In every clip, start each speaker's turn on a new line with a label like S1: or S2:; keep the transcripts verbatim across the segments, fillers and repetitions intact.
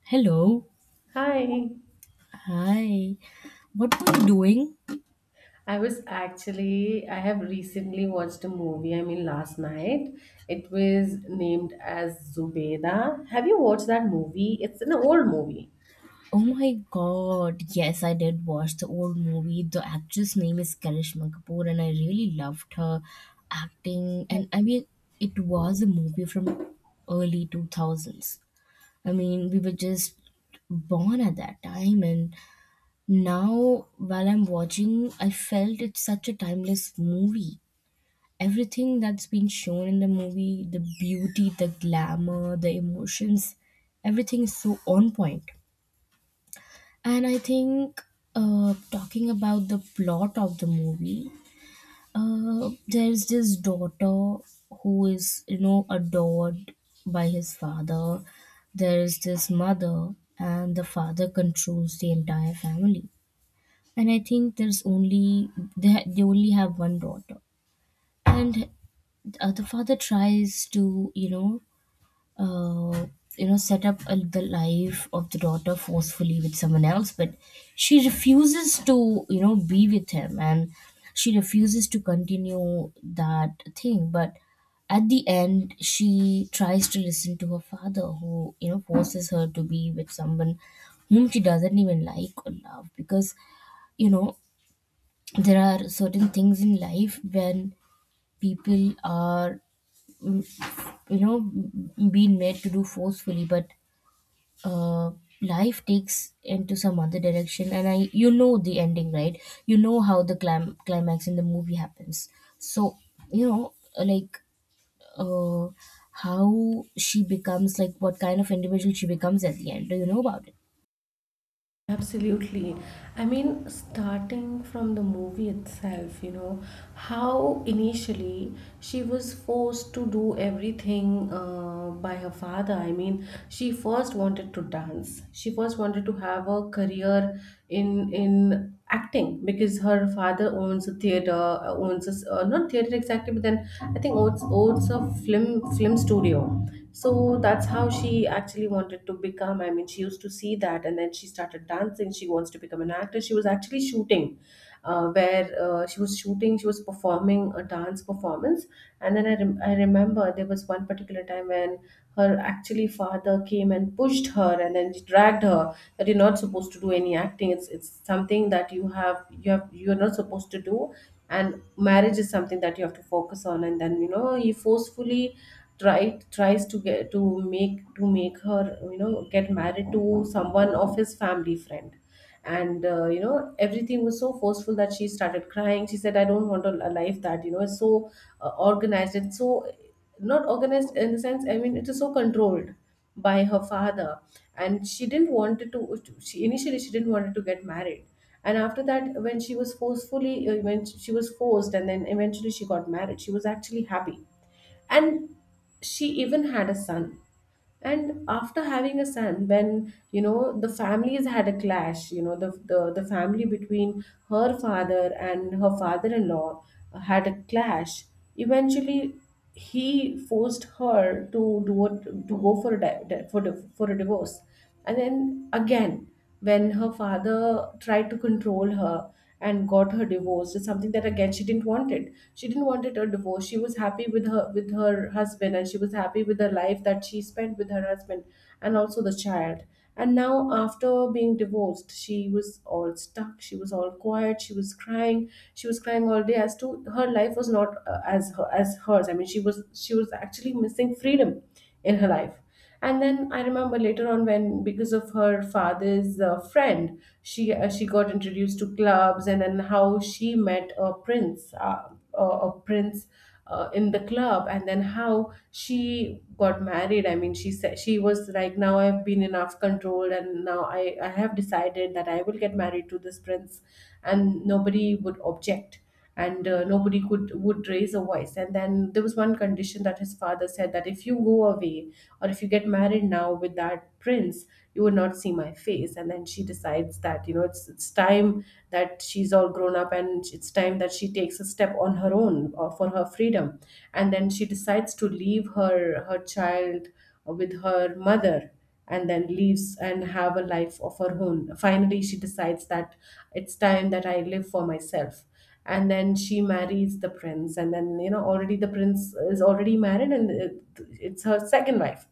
S1: Hello.
S2: Hi.
S1: Hi. What were you doing?
S2: I was actually, I have recently watched a movie, I mean, last night. It was named as Zubeda. Have you watched that movie? It's an old movie.
S1: Oh my god. Yes, I did watch the old movie. The actress name is Karishma Kapoor and I really loved her acting and I mean it was a movie from early two thousands. I mean, we were just born at that time and now while I'm watching, I felt it's such a timeless movie. Everything that's been shown in the movie, the beauty, the glamour, the emotions, everything is so on point point. And I think, uh, talking about the plot of the movie, uh, there's this daughter who is, you know, adored by his father. There is this mother and the father controls the entire family, and I think there's only, they, ha- they only have one daughter. And uh, the father tries to, you know, uh, you know, set up a, the life of the daughter forcefully with someone else, but she refuses to, you know, be with him, and she refuses to continue that thing. But at the end, she tries to listen to her father, who, you know, forces her to be with someone whom she doesn't even like or love, because, you know, there are certain things in life when people are, you know, been made to do forcefully. But uh life takes into some other direction, and I, you know, the ending, right? You know how the clim- climax in the movie happens. So, you know, like, uh how she becomes, like, what kind of individual she becomes at the end. Do you know about it?
S2: Absolutely. I mean, starting from the movie itself, you know, how initially she was forced to do everything uh, by her father. I mean, she first wanted to dance. She first wanted to have a career in in acting because her father owns a theater, uh, owns a, s- uh, not theater exactly, but then I think owns owns a film film studio. So that's how she actually wanted to become. I mean, she used to see that, and then she started dancing. She wants to become an actress. She was actually shooting. Uh, where uh, she was shooting. She was performing a dance performance. And then I, rem- I remember there was one particular time when her actually father came and pushed her and then dragged her that you're not supposed to do any acting. It's it's something that you have you have you're not supposed to do, and marriage is something that you have to focus on. And then, you know he forcefully Try tries to get to make to make her, you know get married to someone of his family friend. And uh, you know everything was so forceful that she started crying. She said, I don't want a, a life that, you know is so uh, organized, and so not organized in the sense. I mean, it is so controlled by her father. And she didn't wanted to. She initially she didn't wanted to get married. And after that, when she was forcefully uh, when she was forced, and then eventually she got married, she was actually happy. And she even had a son. And after having a son, when, you know the families had a clash. You know the the, the family between her father and her father-in-law had a clash. Eventually, he forced her to do it, to go for a di- di- for, di- for a divorce. And then again, when her father tried to control her and got her divorced, it's something that again she didn't want it. She didn't want it, a divorce. She was happy with her with her husband, and she was happy with the life that she spent with her husband, and also the child. And now, after being divorced, she was all stuck. She was all quiet. She was crying. She was crying all day, as to her life was not, uh, as her, as hers. I mean, she was she was actually missing freedom in her life. And then I remember later on, when, because of her father's uh, friend, she uh, she got introduced to clubs. And then how she met a prince, uh, a, a prince uh, in the club. And then how she got married. I mean, she said, she was like, now I've been enough controlled, and now i i have decided that I will get married to this prince, and nobody would object. And uh, nobody could would raise a voice. And then there was one condition that his father said, that if you go away, or if you get married now with that had prints, you would not see my face. And then she decides that, you know it's it's time that she's all grown up, and it's time that she takes a step on her own, uh, for her freedom. And then she decides to leave her her child with her mother, and then leaves and have a life of her own. Finally, she decides that it's time that I live for myself. And then she marries the prince. And then, you know already the prince is already married, and it, it's her second wife.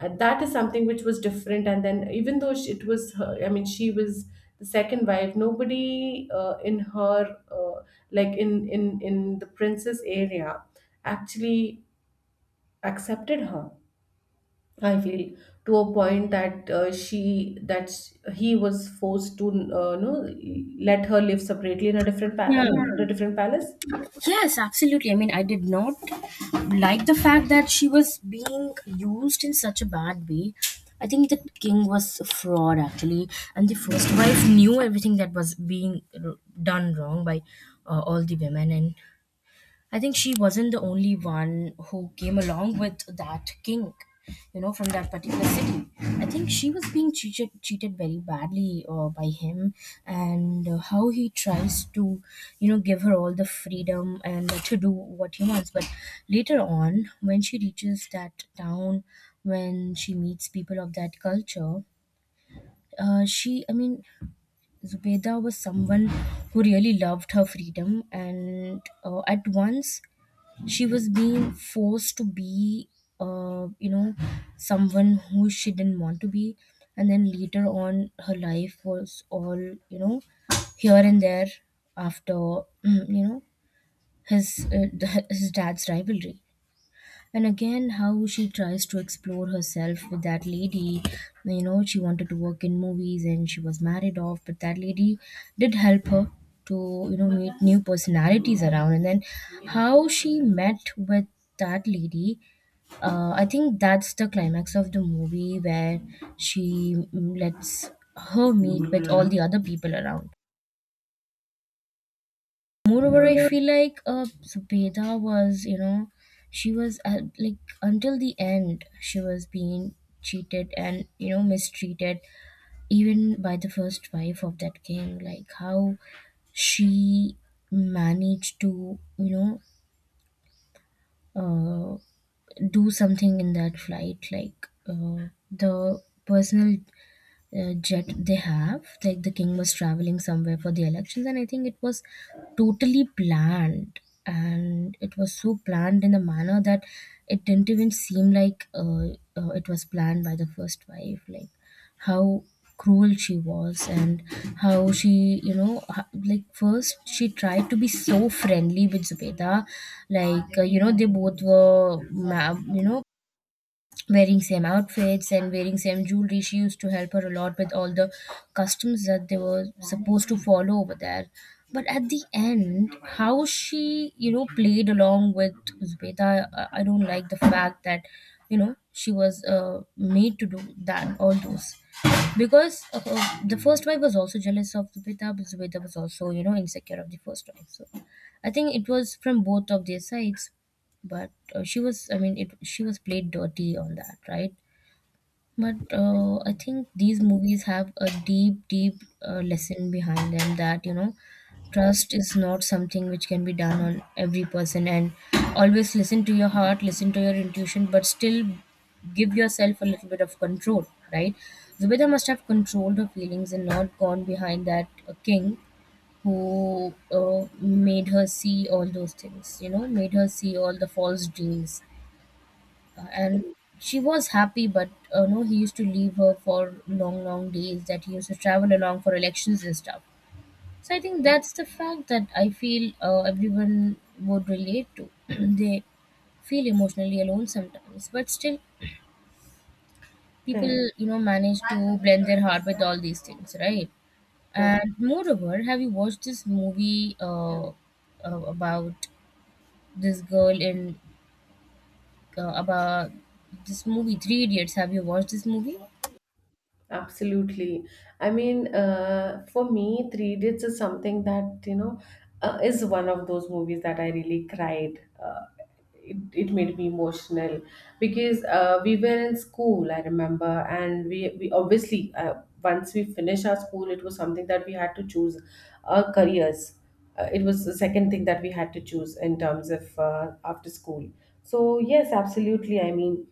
S2: And that is something which was different. And then, even though she, it was her, I mean, she was the second wife. Nobody, uh, in her uh, like in in in the princess area, actually accepted her, I feel, to a point that, uh, she that sh- he was forced to, uh, no let her live separately in a different pa-
S1: Yeah.
S2: in Yeah, a different palace.
S1: Yes, absolutely. I mean, I did not like the fact that she was being used in such a bad way. I think the king was a fraud actually, and the first wife knew everything that was being r- done wrong by, uh, all the women, and I think she wasn't the only one who came along with that king, you know, from that particular city. I think she was being cheated cheated very badly uh, by him, and uh, how he tries to, you know, give her all the freedom and let her do what he wants. But later on, when she reaches that town, when she meets people of that culture, uh, she, I mean, Zubeda was someone who really loved her freedom, and uh, at once she was being forced to be, uh, you know, someone who she didn't want to be, and then later on her life was all, you know, here and there, after you know, his uh, his dad's rivalry. And again, how she tries to explore herself with that lady. You know, she wanted to work in movies and she was married off, but that lady did help her to, you know, meet new personalities around, and then how she met with that lady. uh, I think that's the climax of the movie where she, mm, lets her meet with all the other people around. Moreover, I feel like, uh, Zubeda was, you know, she was, uh, like, until the end, she was being cheated and, you know, mistreated, even by the first wife of that king. Like, how she managed to, you know, uh, do something in that flight, like, uh, the personal uh, jet they have. Like, the king was traveling somewhere for the elections, and I think it was totally planned. And it was so planned in a manner that it didn't even seem like, uh, uh, it was planned by the first wife. Like, how cruel she was, and how she, you know, h- like, first she tried to be so friendly with Zubeda. Like, uh, you know, they both were, ma- you know, wearing same outfits and wearing same jewelry. She used to help her a lot with all the customs that they were supposed to follow over there, but at the end, how she, you know, played along with Zubeda. i I don't like the fact that, you know, she was, uh, made to do that, all those, because, uh, uh, the first wife was also jealous of Zubeda, but Zubeda was also, you know, insecure of the first wife. So I think it was from both of their sides. But uh, she was, I mean, it, she was played dirty on that, right? But uh, I think these movies have a deep deep uh, lesson behind them, that, you know, trust is not something which can be done on every person, and always listen to your heart, listen to your intuition, but still give yourself a little bit of control, right? Zubeda must have controlled her feelings and not gone behind that uh, king, who uh, made her see all those things, you know, made her see all the false dreams. Uh, and she was happy, but uh, no, he used to leave her for long long days, that he used to travel along for elections and stuff. So I think that's the fact that I feel, uh, everyone would relate to. They feel emotionally alone sometimes, but still, people,
S2: Correct,
S1: you know, manage to blend their heart with all these things, right?
S2: correct.
S1: And moreover, have you watched this movie, uh, uh, about this girl in, uh, about this movie, Three Idiots? Have you watched this movie?
S2: Absolutely. I mean, uh, for me, Three Idiots is something that, you know, uh, is one of those movies that I really cried. Uh, it, it made me emotional because uh, we were in school, I remember. And we, we obviously, uh, once we finished our school, it was something that we had to choose our careers. Uh, it was the second thing that we had to choose in terms of, uh, after school. So, yes, absolutely. I mean,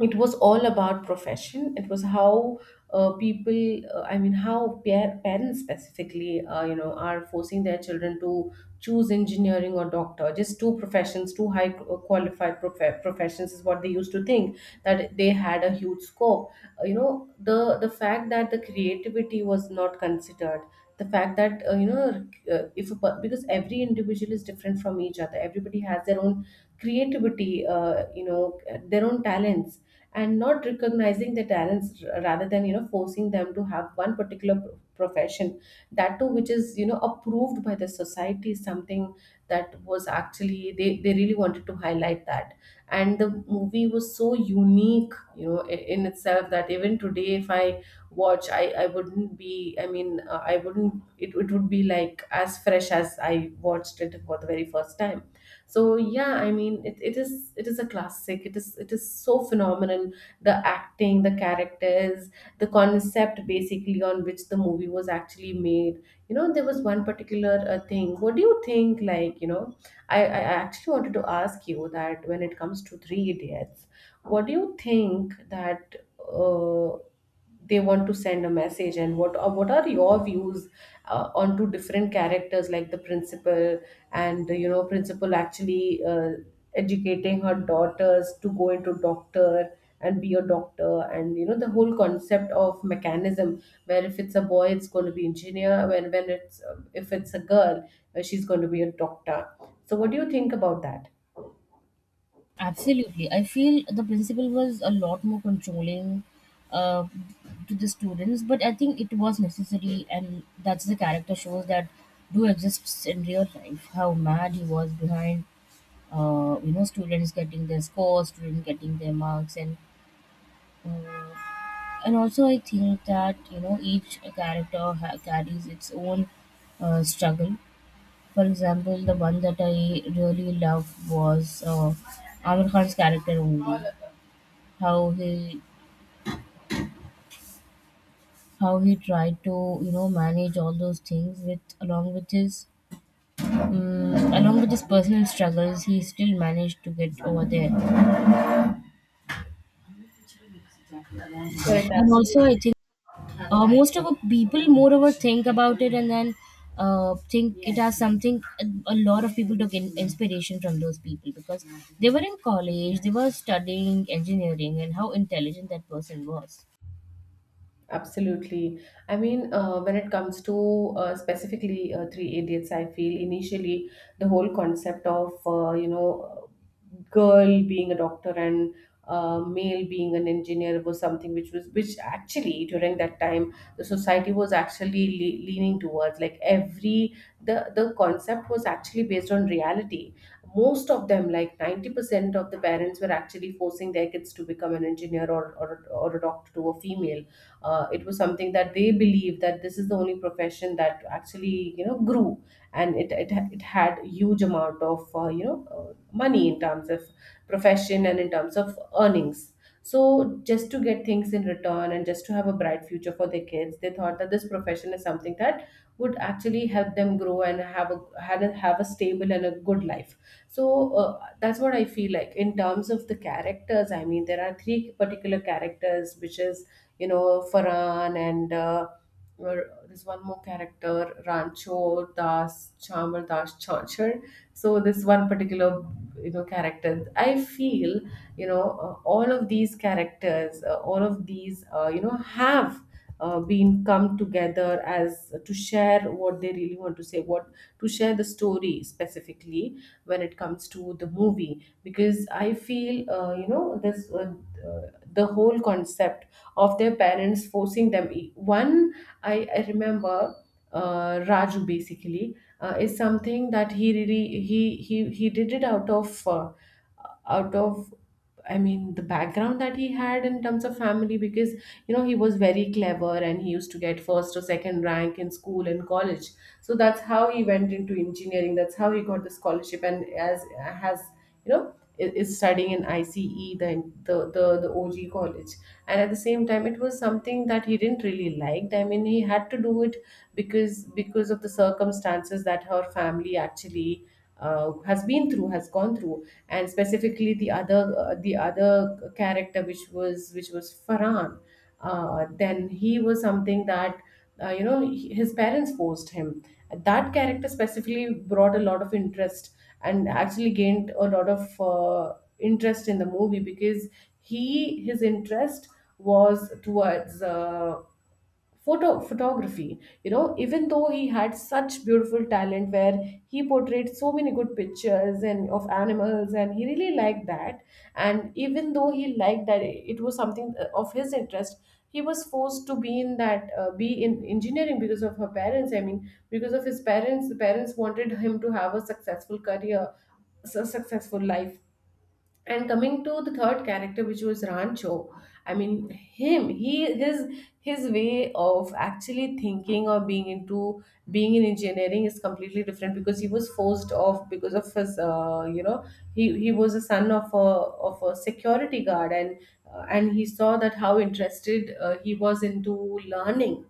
S2: it was all about profession. It was how, uh, people, uh, I mean, how pair parents specifically, uh, you know are forcing their children to choose engineering or doctor. Just two professions, two high, uh, qualified prof- professions is what they used to think, that they had a huge scope. Uh, you know the the fact that the creativity was not considered, the fact that, uh, you know uh, if a, per- because every individual is different from each other. Everybody has their own creativity, uh, you know their own talents. And not recognizing their talents, r- rather than, you know forcing them to have one particular pro- profession, that too, which is, you know approved by the society, is something that was actually, they, they really wanted to highlight that. And the movie was so unique, you know i- in itself, that even today, if I watch, i i wouldn't be I mean uh, I wouldn't it, it would be like as fresh as I watched it for the very first time. So yeah, I mean, it, it is it is a classic. it is it is so phenomenal. The acting, the characters, the concept, basically, on which the movie was actually made. you know there was one particular, uh, thing. What do you think? Like, you know I, I actually wanted to ask you that when it comes to Three Idiots, what do you think that, uh, they want to send a message? And what uh, what are your views, uh, onto different characters, like the principal? And, you know principal actually, uh, educating her daughters to go into doctor and be a doctor. And, you know the whole concept of mechanism, where if it's a boy, it's going to be engineer. When when it's, uh, if it's a girl, uh, she's going to be a doctor. So what do you think about that?
S1: Absolutely. I feel the principal was a lot more controlling, uh, to the students, but I think it was necessary, and that's the character shows that do exists in real life. How mad he was behind, uh, you know, students getting their scores, students getting their marks, and uh, and also I think that, you know, each character, ha- carries its own uh, struggle. For example, the one that I really loved was, uh, Amir Khan's character only. How he, how he tried to, you know, manage all those things with, along with his, um, along with his personal struggles, he still managed to get over there.
S2: Correct,
S1: And
S2: absolutely.
S1: also I think, uh, most of the people moreover think about it, and then uh, think it as something. A lot of people took, in, inspiration from those people, because they were in college, they were studying engineering, and how intelligent that person was.
S2: Absolutely. I mean, uh, when it comes to, uh, specifically, uh, Three Idiots, I feel initially, the whole concept of, uh, you know, girl being a doctor, and uh, male being an engineer, was something which was, which actually, during that time, the society was actually le- leaning towards. Like every, the, the, concept was actually based on reality. Most of them, like ninety percent of the parents were actually forcing their kids to become an engineer, or, or, or a doctor, to a female. uh, it was something that they believe that this is the only profession that actually, you know grew. And it it, it had huge amount of, uh, you know uh, money in terms of profession and in terms of earnings. So just to get things in return, and just to have a bright future for their kids, they thought that this profession is something that would actually help them grow, and have a have a, have a stable and a good life. So, uh, that's what I feel. Like, in terms of the characters, I mean, there are three particular characters, which is, you know, Farhan, and, uh, or there's one more character, Rancho Das, Chamar Das Chanchar. So this one particular, you know, character. I feel, you know, uh, all of these characters, uh, all of these, uh, you know, have, uh, been come together as, uh, to share what they really want to say, what to share the story specifically when it comes to the movie. Because I feel, uh, you know, this, uh, uh, the whole concept of their parents forcing them. E- One, I, I remember, uh, Raju basically, uh, is something that he really he he he did it out of, uh, out of I mean, the background that he had in terms of family. Because, you know he was very clever, and he used to get first or second rank in school and college. So that's how he went into engineering. That's how he got the scholarship and as has you know is is studying in I C E, the the the, the O G college. And at the same time, it was something that he didn't really like. I mean he had to do it because because of the circumstances that her family actually uh, has been through has gone through. And specifically the other, uh, the other character, which was which was Farhan, uh, then he was something that uh, you know he- his parents forced him. That character specifically brought a lot of interest and actually gained a lot of uh, interest in the movie because he, his interest was towards uh, photo photography. You know even though he had such beautiful talent where he portrayed so many good pictures and of animals, and he really liked that, and even though he liked that, it was something uh, of his interest, he was forced to be in that, uh, be in engineering because of her parents, i mean because of his parents. The parents wanted him to have a successful career, a successful life. And coming to the third character, which was Rancho, I mean him, he, his his way of actually thinking or being into, being in engineering is completely different because he was forced off because of his, uh, you know he, he was a son of a, of a security guard. And uh, and he saw that how interested uh, he was into learning,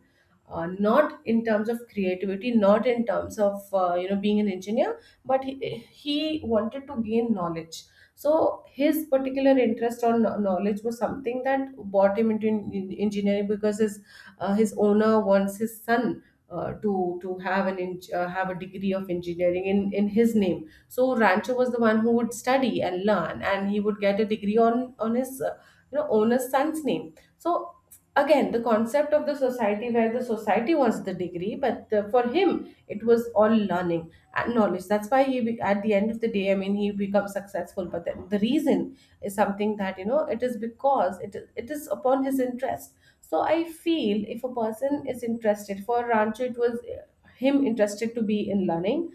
S2: uh, not in terms of creativity, not in terms of uh, you know being an engineer, but he, he wanted to gain knowledge. So his particular interest or kno- knowledge was something that brought him into en- en- engineering, because his, uh, his owner wants his son, uh, to to have an en- uh, have a degree of engineering in in his name. So Rancho was the one who would study and learn, and he would get a degree on on his, uh, you know owner's son's name. So again, the concept of the society, where the society wants the degree, but uh, for him it was all learning and knowledge. That's why he be- at the end of the day, i mean he becomes successful, but then the reason is something that, you know it is because, it is, it is upon his interest. So I feel if a person is interested, for Rancho it was uh, him interested to be in learning.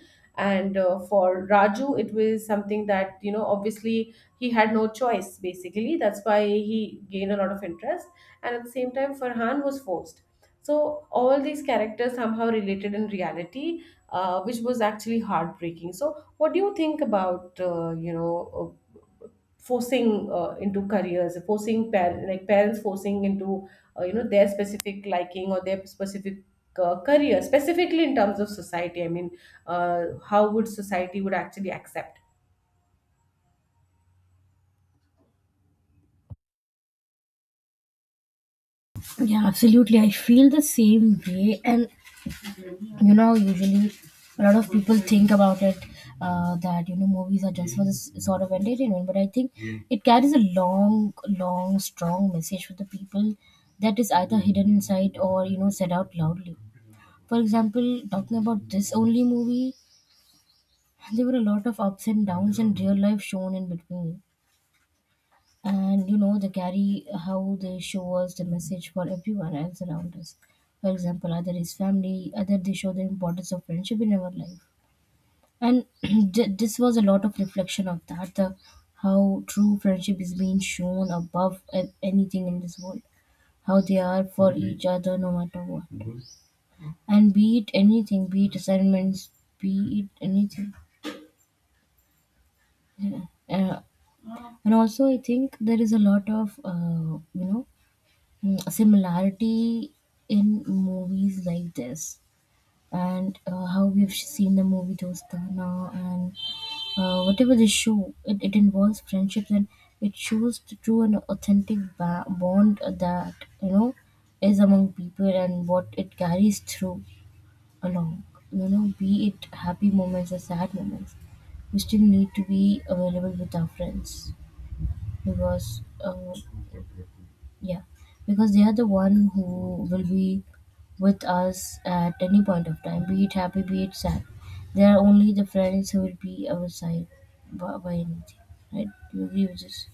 S2: And uh, for Raju, it was something that, you know obviously he had no choice, basically. That's why he gained a lot of interest. And at the same time, Farhan was forced. So all these characters somehow related in reality, uh, which was actually heartbreaking. So what do you think about uh, you know uh, forcing, uh, into careers, forcing par- like parents forcing into, uh, you know their specific liking or their specific, uh, career, specifically in terms of society? I mean uh, how would society would actually accept?
S1: Yeah, absolutely. I feel the same way. And you know, usually a lot of people think about it, uh, that, you know, movies are just for this sort of entertainment, but I think it carries a long long strong message for the people, that is either hidden inside or, you know, said out loudly. For example, talking about this only movie, there were a lot of ups and downs and real life shown in between. And you know, they carry, how they show us the message for everyone else around us. For example, either his family, either they show the importance of friendship in our life. And th- this was a lot of reflection of that, the how true friendship is being shown above a- anything in this world, how they are for each other no matter what. And be it anything, be it assignments, be it anything. Yeah. Uh, and also I think there is a lot of, uh, you know, mm, similarity in movies like this. And uh, how we've seen the movie Dostana, and Uh, whatever the show, it, it involves friendship. And it shows the true and authentic ba- bond that, you know, is among people, and what it carries through along. You know, be it happy moments or sad moments, we still need to be available with our friends, because uh, yeah, because they are the one who will be with us at any point of time, be it happy, be it sad. They are only the friends who will be our side by, by anything, right? Do you agree with this?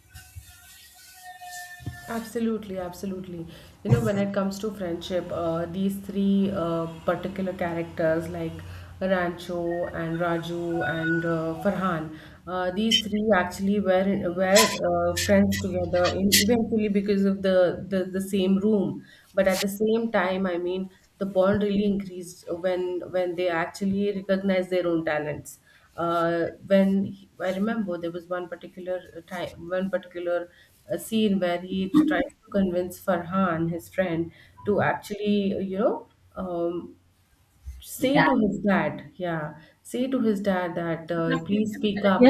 S2: Absolutely, absolutely. You know, when it comes to friendship, uh, these three uh, particular characters like Rancho and Raju and uh, Farhan, uh, these three actually were were uh, friends together, in, eventually because of the, the the same room. But at the same time, I mean, the bond really increased when when they actually recognized their own talents, uh, when he, I remember there was one particular uh, time, one particular uh, scene where he tries to convince Farhan, his friend, to actually, uh, you know, um, say
S1: That.
S2: to his dad, yeah, say to his dad that, uh, please speak up,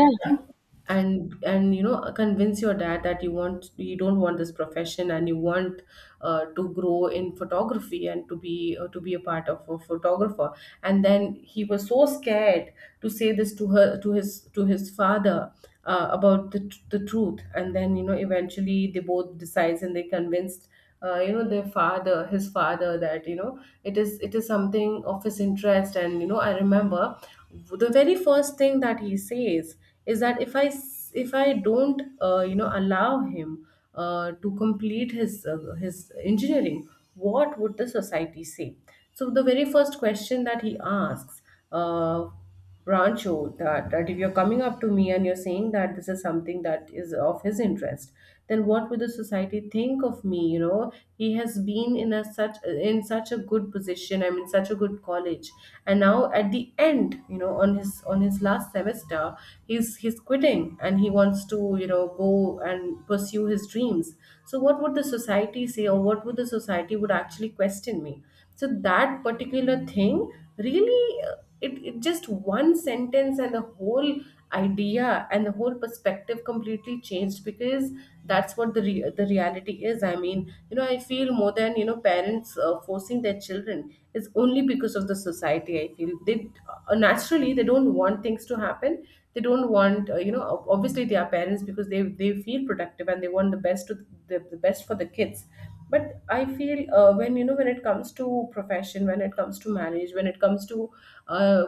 S2: and and you know convince your dad that you want, you don't want this profession, and you want uh, to grow in photography and to be uh, to be a part of a photographer. And then he was so scared to say this to her, to his, to his father, uh, about the, tr- the truth. And then, you know eventually they both decides and they convinced, uh, you know their father, his father, that, you know it is, it is something of his interest. And you know I remember the very first thing that he says is that if I s- if I don't, uh, you know allow him uh, to complete his uh, his engineering, what would the society say? So the very first question that he asks, uh, Rancho, that that if you're coming up to me and you're saying that this is something that is of his interest, then what would the society think of me? You know, he has been in a such, in such a good position. I'm in such a good college, and now at the end, you know, on his, on his last semester, he's he's quitting and he wants to, you know go and pursue his dreams. So what would the society say, or what would the society would actually question me? So that particular thing really, uh, it, it, just one sentence, and the whole idea and the whole perspective completely changed, because that's what the re- the reality is. I mean you know I feel more than, you know parents uh, forcing their children is only because of the society. I feel they, uh, naturally they don't want things to happen, they don't want, uh, you know ob- obviously they are parents, because they they feel protective and they want the best to, the, the best for the kids. But I feel uh, when, you know when it comes to profession, when it comes to marriage, when it comes to, uh,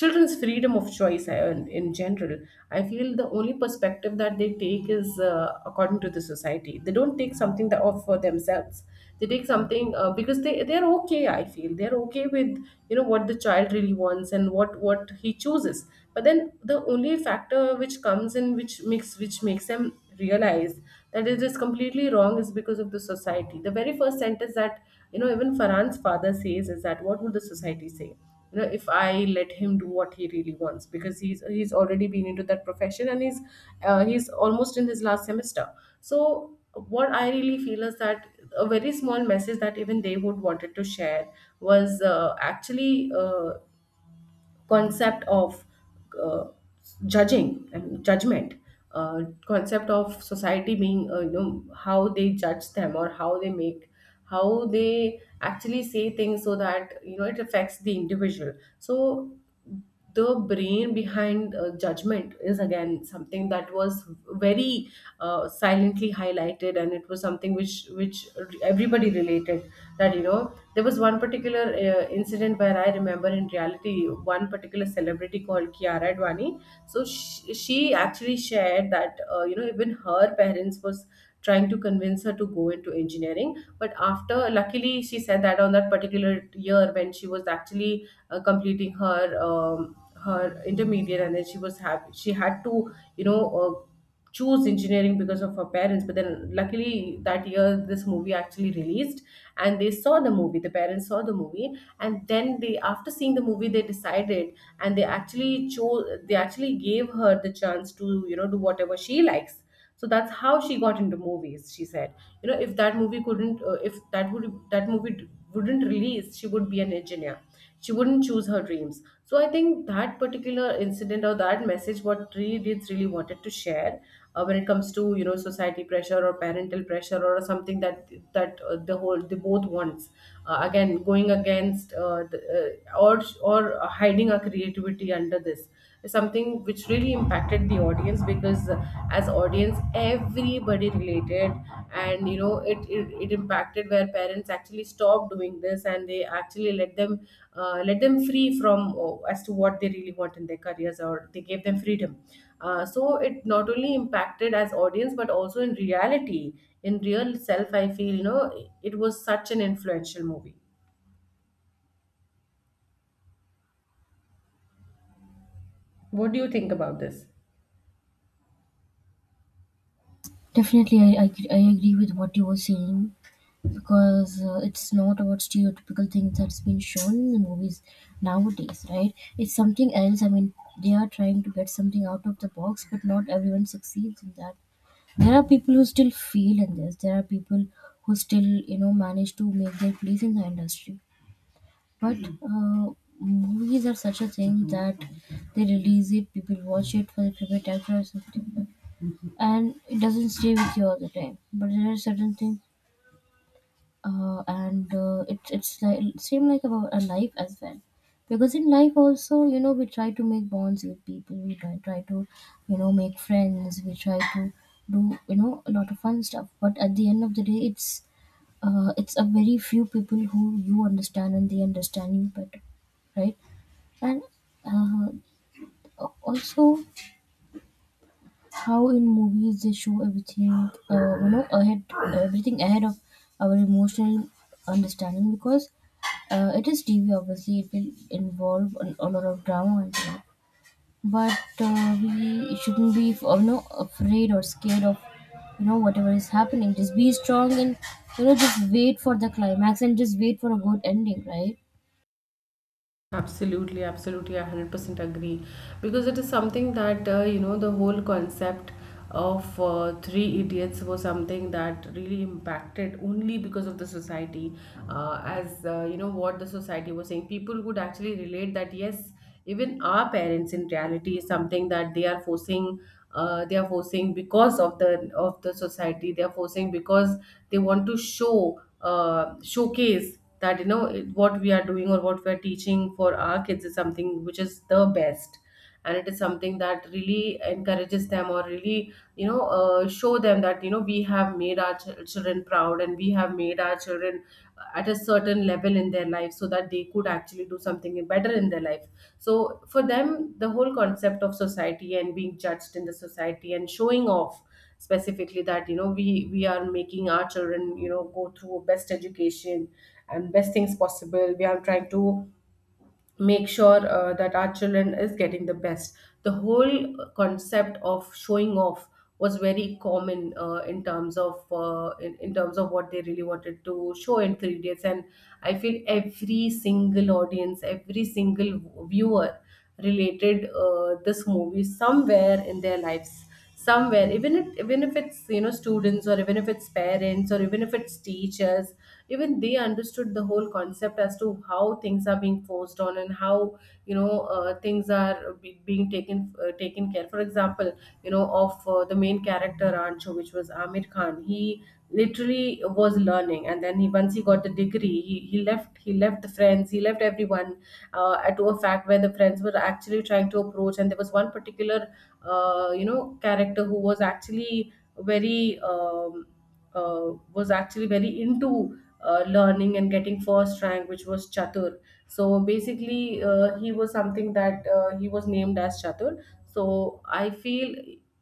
S2: children's freedom of choice, uh, in, in general, I feel the only perspective that they take is, uh, according to the society. They don't take something that of for themselves. They take something, uh, because they, they're okay, I feel they're okay with, you know what the child really wants and what what he chooses. But then the only factor which comes in, which makes which makes them realize that it is completely wrong is because of the society. The very first sentence that, you know even Farhan's father says is that, what would the society say, you know if I let him do what he really wants, because he's he's already been into that profession, and he's uh, he's almost in his last semester. So what I really feel is that a very small message that even they would wanted to share was uh, actually uh, concept of, uh, judging and judgment, uh, concept of society being, uh, you know how they judge them or how they make, how they actually say things, so that, you know it affects the individual. So the brain behind uh, judgment is again something that was very uh, silently highlighted, and it was something which which everybody related, that, you know there was one particular uh, incident where I remember, in reality, one particular celebrity called Kiara Advani. So she, she actually shared that, uh, you know even her parents was trying to convince her to go into engineering, but after, luckily, she said that on that particular year when she was actually uh, completing her um, her intermediate, and then she was happy, she had to, you know uh, choose engineering because of her parents. But then luckily that year this movie actually released, and they saw the movie, the parents saw the movie, and then they, after seeing the movie, they decided, and they actually chose, they actually gave her the chance to, you know do whatever she likes. So that's how she got into movies, she said, you know if that movie couldn't, uh, if that would, that movie d- wouldn't release, she would be an engineer, she wouldn't choose her dreams. So I think that particular incident or that message, what really did really wanted to share, uh, when it comes to, you know society pressure or parental pressure, or something that, that uh, the whole, the both wants, uh, again going against, uh, the, uh, or or hiding our creativity under this, something which really impacted the audience, because uh, as audience, everybody related. And you know it, it, it impacted, where parents actually stopped doing this, and they actually let them, uh, let them free from, oh, as to what they really want in their careers, or they gave them freedom. Uh, so it not only impacted as audience, but also in reality, in real self. I feel, you know it was such an influential movie. What do you think about this?
S1: Definitely. I, I, gr- I agree with what you were saying, because uh, it's not about stereotypical things that's been shown in the movies nowadays, right? It's something else. I mean, they are trying to get something out of the box, but not everyone succeeds in that. There are people who still fail in this. There are people who still, you know, manage to make their place in the industry. But uh, movies are such a thing that they release it, people watch it for the favorite actor or something, and it doesn't stay with you all the time. But there are certain things, uh, and uh, it, it's like same like about a life as well. Because in life also, you know, we try to make bonds with people. We try, try to, you know, make friends. We try to do, you know, a lot of fun stuff. But at the end of the day, it's, uh, it's a very few people who you understand and they understand you better, right? And uh, also, how in movies they show everything, uh, you know, ahead, everything ahead of our emotional understanding, because uh, it is TV, obviously it will involve an- a lot of drama and stuff. But uh, we shouldn't be, you know, afraid or scared of, you know, whatever is happening. Just be strong, and you know, just wait for the climax, and just wait for a good ending, right?
S2: Absolutely, absolutely. I one hundred percent agree. Because it is something that, uh, you know, the whole concept of uh, Three Idiots was something that really impacted only because of the society. Uh, as, uh, you know, what the society was saying, people would actually relate that, yes, even our parents in reality is something that they are forcing uh, they are forcing because of the of the society, they are forcing because they want to show uh, showcase that you know it- what we are doing or what we are teaching for our kids is something which is the best, and it is something that really encourages them or really you know uh, show them that you know we have made our chil- children proud, and we have made our children at a certain level in their life so that they could actually do something better in their life. So for them, the whole concept of society and being judged in the society and showing off specifically that you know we we are making our children you know go through best education and best things possible. We are trying to make sure uh, that our children is getting the best, the whole concept of showing off, was very common uh, in terms of uh, in, in terms of what they really wanted to show in three days. And I feel every single audience, every single viewer related uh, this movie somewhere in their lives somewhere, even if, even if it's you know students, or even if it's parents, or even if it's teachers. Even they understood the whole concept as to how things are being forced on, and how you know uh, things are be- being taken uh, taken care. For example, you know, of uh, the main character Ancho, which was Amir Khan, he literally was learning, and then he once he got the degree, he, he left he left the friends, he left everyone, uh, to a fact where the friends were actually trying to approach. And there was one particular uh, you know character who was actually very um, uh, was actually very into uh, learning and getting first rank, which was Chatur. So basically, uh, he was something that uh, he was named as Chatur. So I feel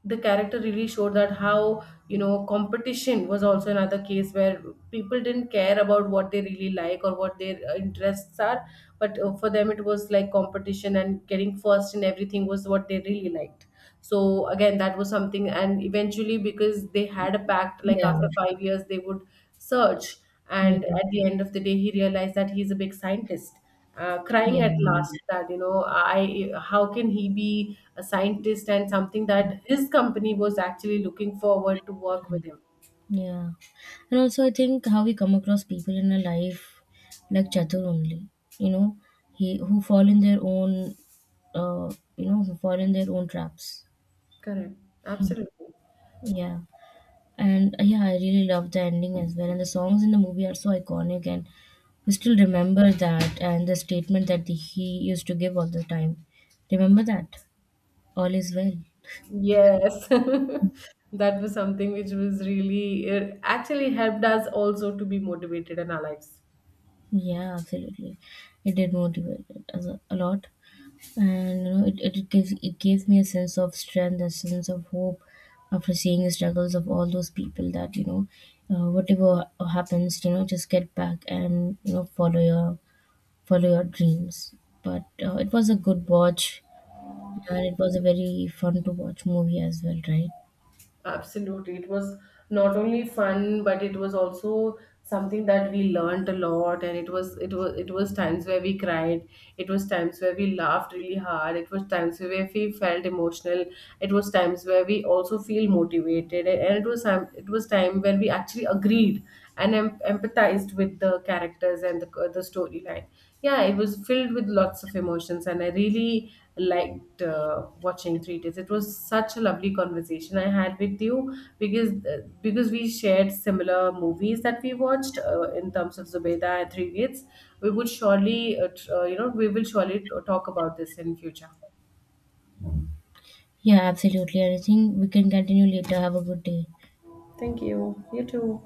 S2: the character really showed that how you know competition was also another case where people didn't care about what they really like or what their uh, interests are, but uh, for them it was like competition, and getting first in everything was what they really liked. So again, that was something. And eventually, because they had a pact, like
S1: Yeah.
S2: after five years they would search, and
S1: Hmm.
S2: at the end of the day, he realized that he's a big scientist, uh, crying
S1: Yeah.
S2: at last that you know I, how can he be a scientist, and something that his company was actually looking forward to work with him.
S1: Yeah. And also, I think how we come across people in our life, like Chatur only, you know, he who fall in their own, uh, you know, who fall in their own traps.
S2: Correct. Absolutely.
S1: Yeah. And uh, yeah, I really love the ending as well. And the songs in the movie are so iconic, and we still remember that, and the statement that the, he used to give all the time. Remember that? All is well.
S2: Yes, that was something which was really, it actually helped us also to be motivated in our lives.
S1: Yeah, absolutely. It did motivate us a a lot. And you know, it, it, it gives, it gave me a sense of strength, a sense of hope, after seeing the struggles of all those people, that, you know, uh, whatever happens, you know, just get back, and you know, follow your follow your dreams. But uh, it was a good watch, and it was a very fun to watch movie as well, right?
S2: Absolutely. It was not only fun, but it was also something that we learned a lot. And it was it was it was times where we cried, it was times where we laughed really hard, it was times where we felt emotional, it was times where we also feel motivated. And and it was time it was time when we actually agreed and em- empathized with the characters and the the storyline. Yeah, it was filled with lots of emotions, and I really liked uh, watching Three Days. It was such a lovely conversation I had with you, because uh, because we shared similar movies that we watched uh, in terms of Zubeda and Three Days. We would surely, uh, tr- uh, you know, we will surely t- talk about this in future.
S1: Yeah, absolutely. And I think we can continue later. Have a good day.
S2: Thank you. You too.